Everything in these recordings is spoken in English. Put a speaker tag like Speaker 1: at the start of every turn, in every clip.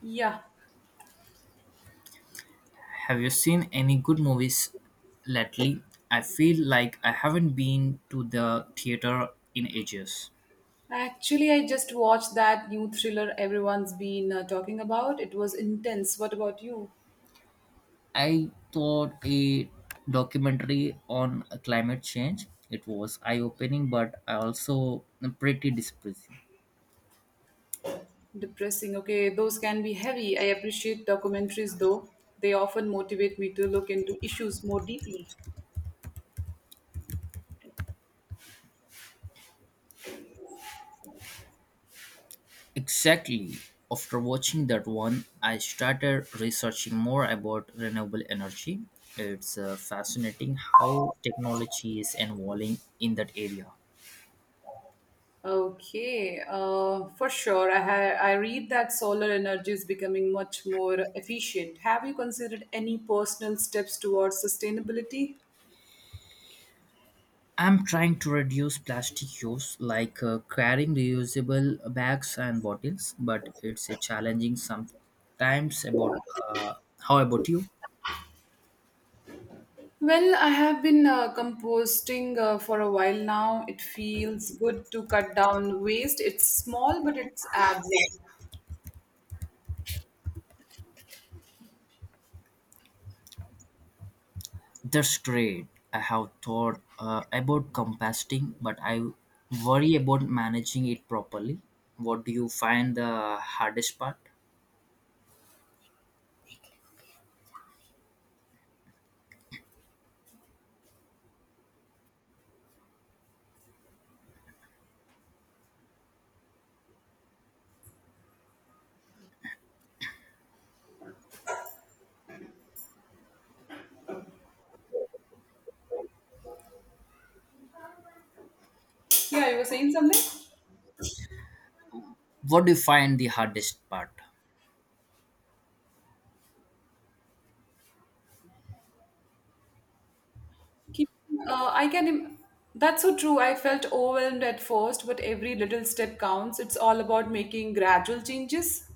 Speaker 1: Yeah,
Speaker 2: Have you seen any good movies lately? I feel like I haven't been to the theater in ages.
Speaker 1: actually, I just watched that new thriller everyone's been talking about. It was intense. What about you?
Speaker 2: I thought a documentary on climate change. It was eye-opening, but also pretty depressing.
Speaker 1: Depressing. Okay, those can be heavy. I appreciate documentaries though. They often motivate me to look into issues more deeply.
Speaker 2: Exactly. After watching that one, I started researching more about renewable energy. It's fascinating how technology is evolving in that area.
Speaker 1: Okay, for sure. I read that solar energy is becoming much more efficient. Have you considered any personal steps towards sustainability?
Speaker 2: I'm trying to reduce plastic use, like carrying reusable bags and bottles, but it's a challenging sometimes. About uh, how about you?
Speaker 1: Well, I have been composting for a while now. It feels good to cut down waste. It's small, but it's adds up.
Speaker 2: That's great. I have thought about composting, but I worry about managing it properly. What do you find the hardest part?
Speaker 1: Yeah, you were saying something?
Speaker 2: What do you find the hardest part?
Speaker 1: Keep- I can. That's so true. I felt overwhelmed at first, but every little step counts. It's all about making gradual changes.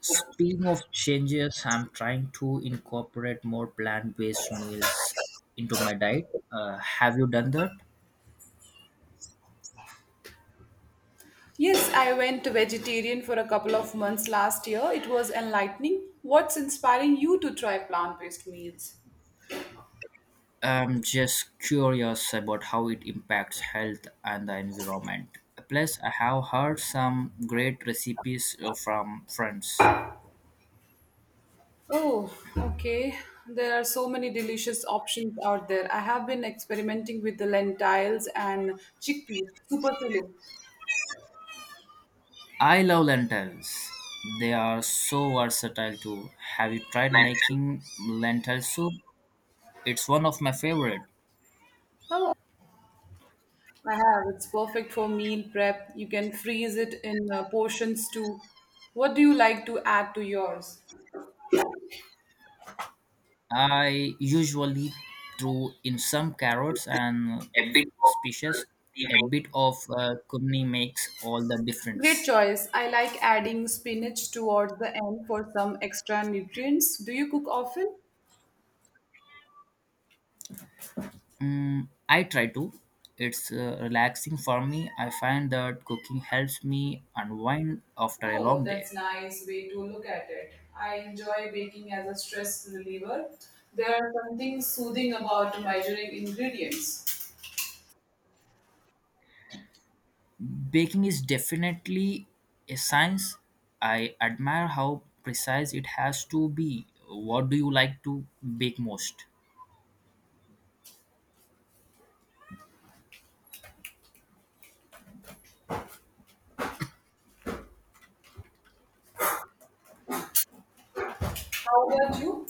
Speaker 2: Speaking of changes, I'm trying to incorporate more plant based meals into my diet. Have you done that?
Speaker 1: Yes, I went vegetarian for a couple of months last year. It was enlightening. What's inspiring you to try plant based meals?
Speaker 2: I'm just curious about how it impacts health and the environment. Plus, I have heard some great recipes from friends.
Speaker 1: Oh, okay. There are so many delicious options out there. I have been experimenting with the lentils and chickpeas. Super filling.
Speaker 2: I love lentils. They are so versatile too. Have you tried making lentil soup? It's one of my favorite.
Speaker 1: Oh, I have. It's perfect for meal prep. You can freeze it in portions too. What do you like to add to yours?
Speaker 2: I usually throw in some carrots and species. A bit of cumin makes all the
Speaker 1: Great
Speaker 2: difference.
Speaker 1: choice. I like adding spinach towards the end for some extra nutrients. Do you cook often?
Speaker 2: Mm, I try to. It's relaxing for me. I find that cooking helps me unwind after a
Speaker 1: Oh,
Speaker 2: long day.
Speaker 1: that's nice way to look at it. I enjoy baking as a stress reliever. There are something soothing about measuring ingredients.
Speaker 2: Baking is definitely a science. I admire how precise it has to be. What do you like to bake most?
Speaker 1: How about you?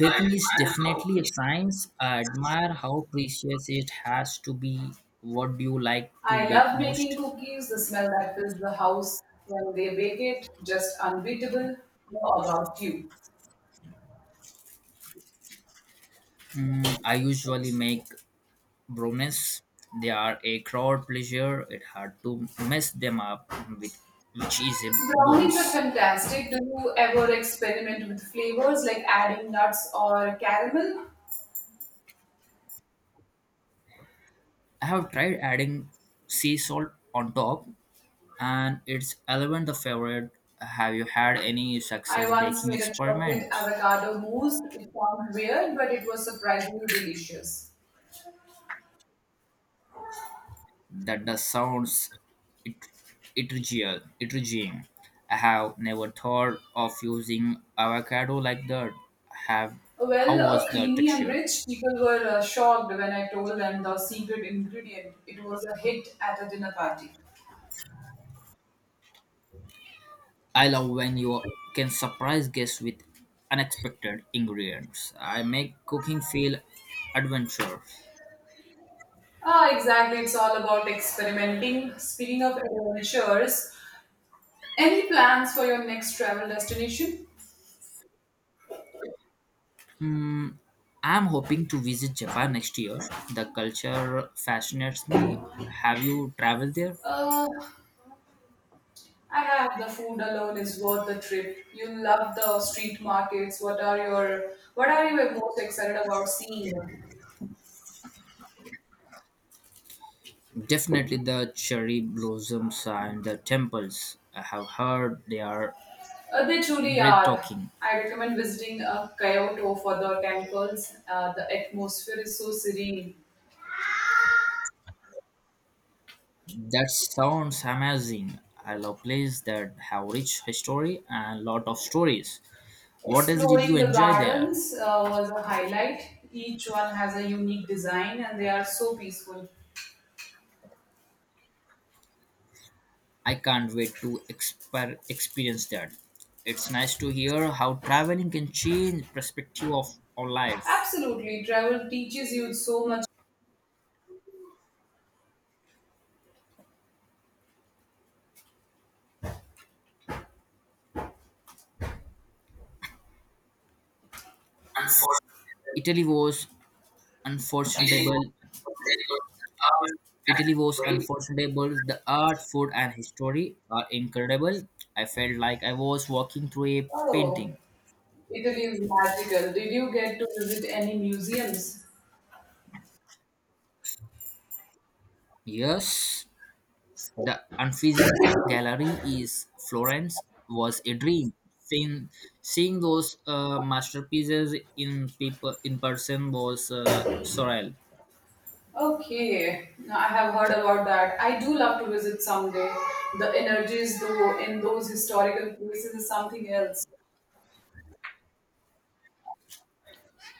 Speaker 2: Baking is definitely a science. I admire how precious it has to be. What do you like to
Speaker 1: I
Speaker 2: bake
Speaker 1: love
Speaker 2: most?
Speaker 1: making cookies. The smell that fills the house when they bake it, just unbeatable. Know about you?
Speaker 2: Mm, I usually make brownies. They are a crowd pleasure. It's hard to mess them up with which is a
Speaker 1: Brownies are
Speaker 2: bones.
Speaker 1: fantastic. Do you ever experiment with flavors like adding nuts or caramel?
Speaker 2: I have tried adding sea salt on top and it's 11 the favorite. Have you had any
Speaker 1: I
Speaker 2: success
Speaker 1: once
Speaker 2: baking
Speaker 1: made a chocolate
Speaker 2: experiments?
Speaker 1: avocado mousse. It sounds weird, but it was surprisingly delicious.
Speaker 2: That the sounds it- ethereal, intriguing. I have never thought of using avocado like that. Have how
Speaker 1: Well,
Speaker 2: was the
Speaker 1: creamy and
Speaker 2: texture?
Speaker 1: rich, people were shocked when I told them the secret ingredient. It was a hit at a dinner party.
Speaker 2: I love when you can surprise guests with unexpected ingredients. I make cooking feel adventurous.
Speaker 1: Ah, exactly. It's all about experimenting. Speaking of adventures, any plans for your next travel destination?
Speaker 2: I'm hoping to visit Japan next year. The culture fascinates me. Have you traveled there?
Speaker 1: Uh, I have the food alone is worth the trip. You love the street markets. What are you most excited about seeing?
Speaker 2: Definitely the cherry blossoms and the temples. I have heard they are
Speaker 1: They truly are.
Speaker 2: breathtaking.
Speaker 1: I recommend visiting Kyoto for the temples. The atmosphere is so serene.
Speaker 2: That sounds amazing. I love places that have rich history and lot of stories. What else did you
Speaker 1: Exploring the
Speaker 2: enjoy there?
Speaker 1: gardens was a highlight. Each one has a unique design and they are so peaceful.
Speaker 2: I can't wait to experience that. It's nice to hear how traveling can change perspective of our life.
Speaker 1: Absolutely, travel teaches you so much.
Speaker 2: Italy was unforgettable Italy was unforgettable. The art, food, and history are incredible. I felt like I was walking through a
Speaker 1: Oh,
Speaker 2: painting.
Speaker 1: Italy is magical. Did you get to visit any museums?
Speaker 2: Yes, the unfreezing gallery is Florence was a dream. Seeing those masterpieces in people in person was surreal.
Speaker 1: Okay, now I have heard about that. I do love to visit someday. The energies, though, in those historical places is something else.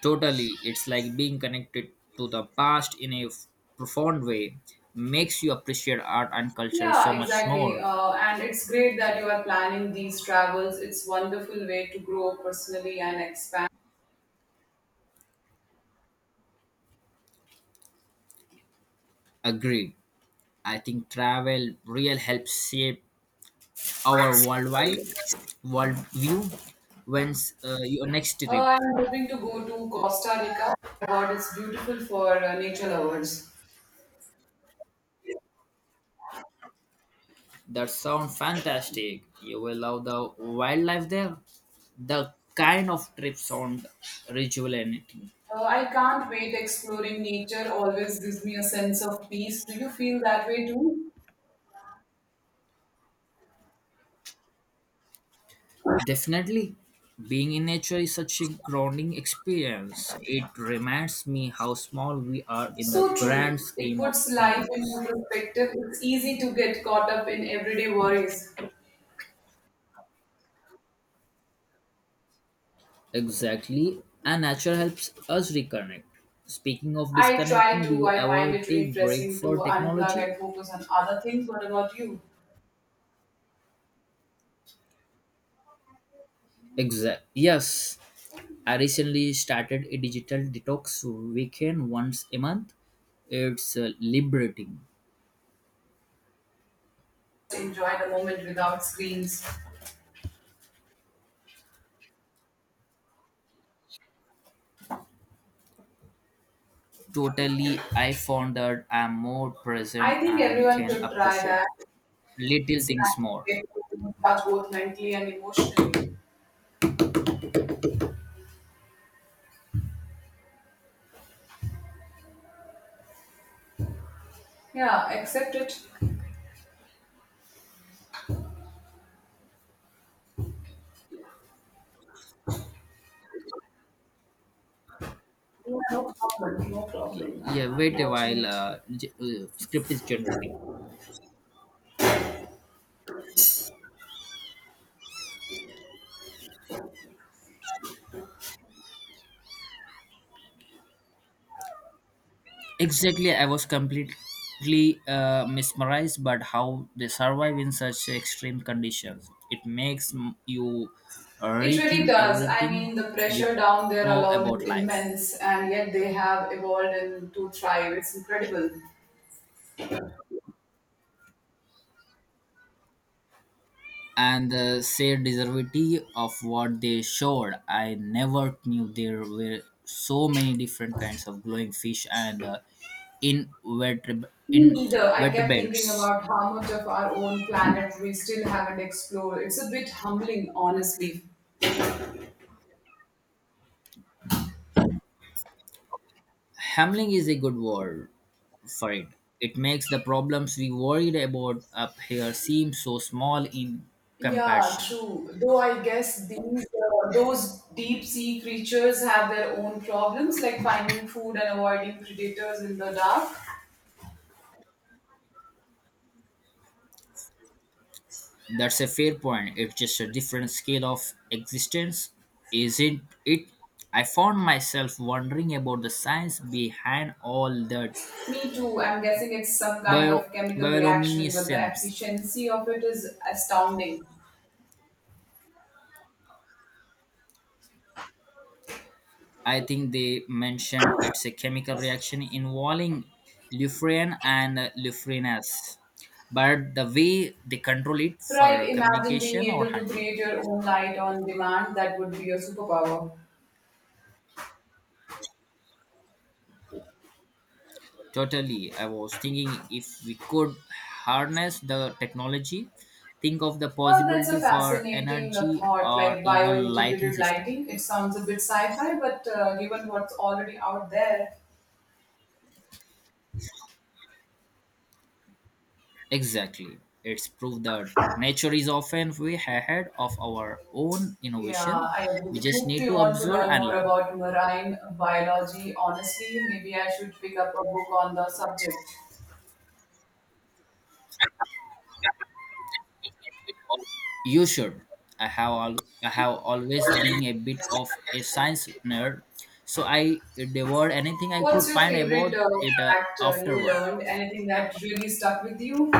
Speaker 2: Totally, it's like being connected to the past in a profound way. Makes you appreciate art and culture so
Speaker 1: Yeah,
Speaker 2: much
Speaker 1: exactly.
Speaker 2: more.
Speaker 1: And it's great that you are planning these travels. It's wonderful way to grow personally and expand.
Speaker 2: Agreed. I think travel real helps shape our worldwide worldview when's your next trip.
Speaker 1: I'm hoping to go to Costa Rica. God, it's beautiful for nature lovers.
Speaker 2: That sounds fantastic. You will love the wildlife there. The kind of trip sound rejuvenating.
Speaker 1: I can't wait exploring nature. Always gives me a sense of peace. Do you feel that way too?
Speaker 2: Definitely, being in nature is such a grounding experience. It reminds me how small we are in the
Speaker 1: So
Speaker 2: grand
Speaker 1: true. It
Speaker 2: scheme of
Speaker 1: puts life into
Speaker 2: things.
Speaker 1: perspective. It's easy to get caught up in everyday worries.
Speaker 2: Exactly. And nature helps us reconnect. Speaking of
Speaker 1: I try
Speaker 2: disconnecting, do
Speaker 1: to.
Speaker 2: you
Speaker 1: I find
Speaker 2: ever
Speaker 1: it
Speaker 2: take break
Speaker 1: refreshing to
Speaker 2: for
Speaker 1: unplug
Speaker 2: technology?
Speaker 1: and focus on other things. What about you?
Speaker 2: Exact. Yes. I recently started a digital detox weekend once a month. It's liberating.
Speaker 1: Enjoy the moment without screens.
Speaker 2: Totally, I found that I'm more present
Speaker 1: I think
Speaker 2: and
Speaker 1: everyone
Speaker 2: can
Speaker 1: should try
Speaker 2: appreciate
Speaker 1: that.
Speaker 2: little
Speaker 1: It's
Speaker 2: things
Speaker 1: nice
Speaker 2: more.
Speaker 1: way to recharge both mentally and emotionally. Yeah, accept it. No problem. No problem. I'm,
Speaker 2: Yeah,
Speaker 1: I'm
Speaker 2: wait a
Speaker 1: watching
Speaker 2: while.
Speaker 1: it.
Speaker 2: Script is generating. Exactly, I was completely mesmerized but how they survive in such extreme conditions. It makes you
Speaker 1: It really
Speaker 2: rethink
Speaker 1: does. I
Speaker 2: everything
Speaker 1: mean, the
Speaker 2: we
Speaker 1: pressure down there
Speaker 2: know
Speaker 1: alone
Speaker 2: about
Speaker 1: is
Speaker 2: life.
Speaker 1: immense, and yet they have evolved and to thrive. It's incredible.
Speaker 2: And the sad diversity of what they showed, I never knew there were so many different kinds of glowing fish and invertebrate
Speaker 1: Me neither. I kept thinking
Speaker 2: invertebrates.
Speaker 1: about how much of our own planet we still haven't explored. It's a bit humbling, honestly.
Speaker 2: Hamling is a good word for it. It makes the problems we worried about up here seem so small in
Speaker 1: Yeah,
Speaker 2: comparison.
Speaker 1: true. Though I guess these those deep sea creatures have their own problems, like finding food and avoiding predators in the dark.
Speaker 2: That's a fair point. It's just a different scale of existence, isn't it? I found myself wondering about the science behind all that
Speaker 1: Me too. I'm guessing it's some kind
Speaker 2: bio
Speaker 1: of chemical reaction, but the
Speaker 2: bioluminescence.
Speaker 1: efficiency of it is astounding.
Speaker 2: I think they mentioned it's a chemical reaction involving lufrine and lufrinase, but the way they control it
Speaker 1: Right?
Speaker 2: for
Speaker 1: Imagine
Speaker 2: communication
Speaker 1: being
Speaker 2: or
Speaker 1: able to
Speaker 2: hunting.
Speaker 1: create your own light on demand. That would be your superpower.
Speaker 2: Totally, I was thinking if we could harness the technology, think of the
Speaker 1: Oh, that's a
Speaker 2: possibility for
Speaker 1: fascinating
Speaker 2: energy
Speaker 1: thought,
Speaker 2: or
Speaker 1: like
Speaker 2: even lighting
Speaker 1: bio-integrated
Speaker 2: system.
Speaker 1: lighting. It sounds a bit sci-fi, but given what's already out there,
Speaker 2: Exactly. It's proof that nature is often way ahead of our own
Speaker 1: yeah,
Speaker 2: innovation.
Speaker 1: I
Speaker 2: We just need
Speaker 1: really
Speaker 2: to
Speaker 1: want to
Speaker 2: observe
Speaker 1: learn
Speaker 2: and
Speaker 1: more
Speaker 2: learn.
Speaker 1: about marine biology. Honestly, maybe I should pick up a book on the subject.
Speaker 2: You should. I have always been a bit of a science nerd, so I devoured anything I could
Speaker 1: What's your
Speaker 2: find
Speaker 1: favorite
Speaker 2: about it
Speaker 1: fact you
Speaker 2: afterward.
Speaker 1: learned? Anything that really stuck with you?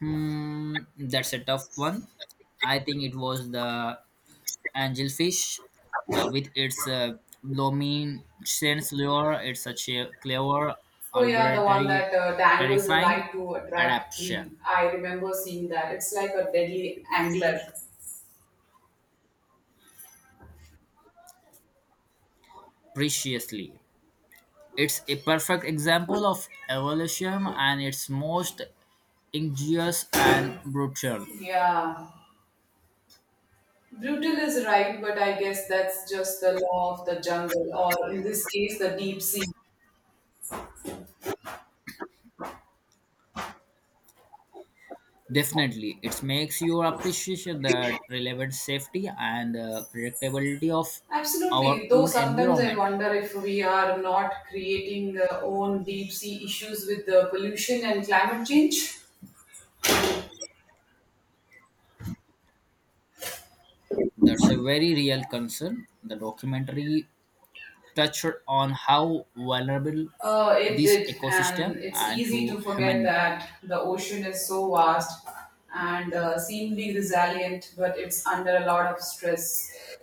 Speaker 2: Hmm, that's a tough one. I think it was the angelfish with its luminescence lure. It's such a clever,
Speaker 1: Oh yeah, the one
Speaker 2: arbitrary,
Speaker 1: that dangles a
Speaker 2: terrifying
Speaker 1: light to attract prey.
Speaker 2: adaptation.
Speaker 1: I remember seeing that. It's like a deadly angler.
Speaker 2: Preciously. It's a perfect example of evolution and its most ingenious and brutal.
Speaker 1: Yeah. Brutal is right, but I guess that's just the law of the jungle, or in this case, the deep sea.
Speaker 2: Definitely, it makes you appreciate the relevant safety and predictability of our
Speaker 1: Absolutely. Though
Speaker 2: own
Speaker 1: sometimes I
Speaker 2: environment.
Speaker 1: wonder if we are not creating our own deep sea issues with the pollution and climate change.
Speaker 2: That's a very real concern. The documentary touched on how vulnerable
Speaker 1: It
Speaker 2: this
Speaker 1: did, and
Speaker 2: ecosystem
Speaker 1: it's
Speaker 2: and
Speaker 1: easy
Speaker 2: to
Speaker 1: to
Speaker 2: human
Speaker 1: forget
Speaker 2: impact.
Speaker 1: that the ocean is so vast and seemingly resilient, but it's under a lot of stress.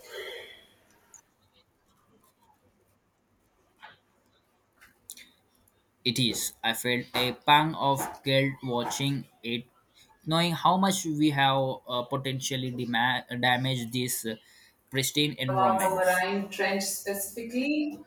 Speaker 2: It is. I felt a pang of guilt watching it, knowing how much we have potentially damaged these pristine
Speaker 1: About the
Speaker 2: environments.
Speaker 1: marine trench specifically,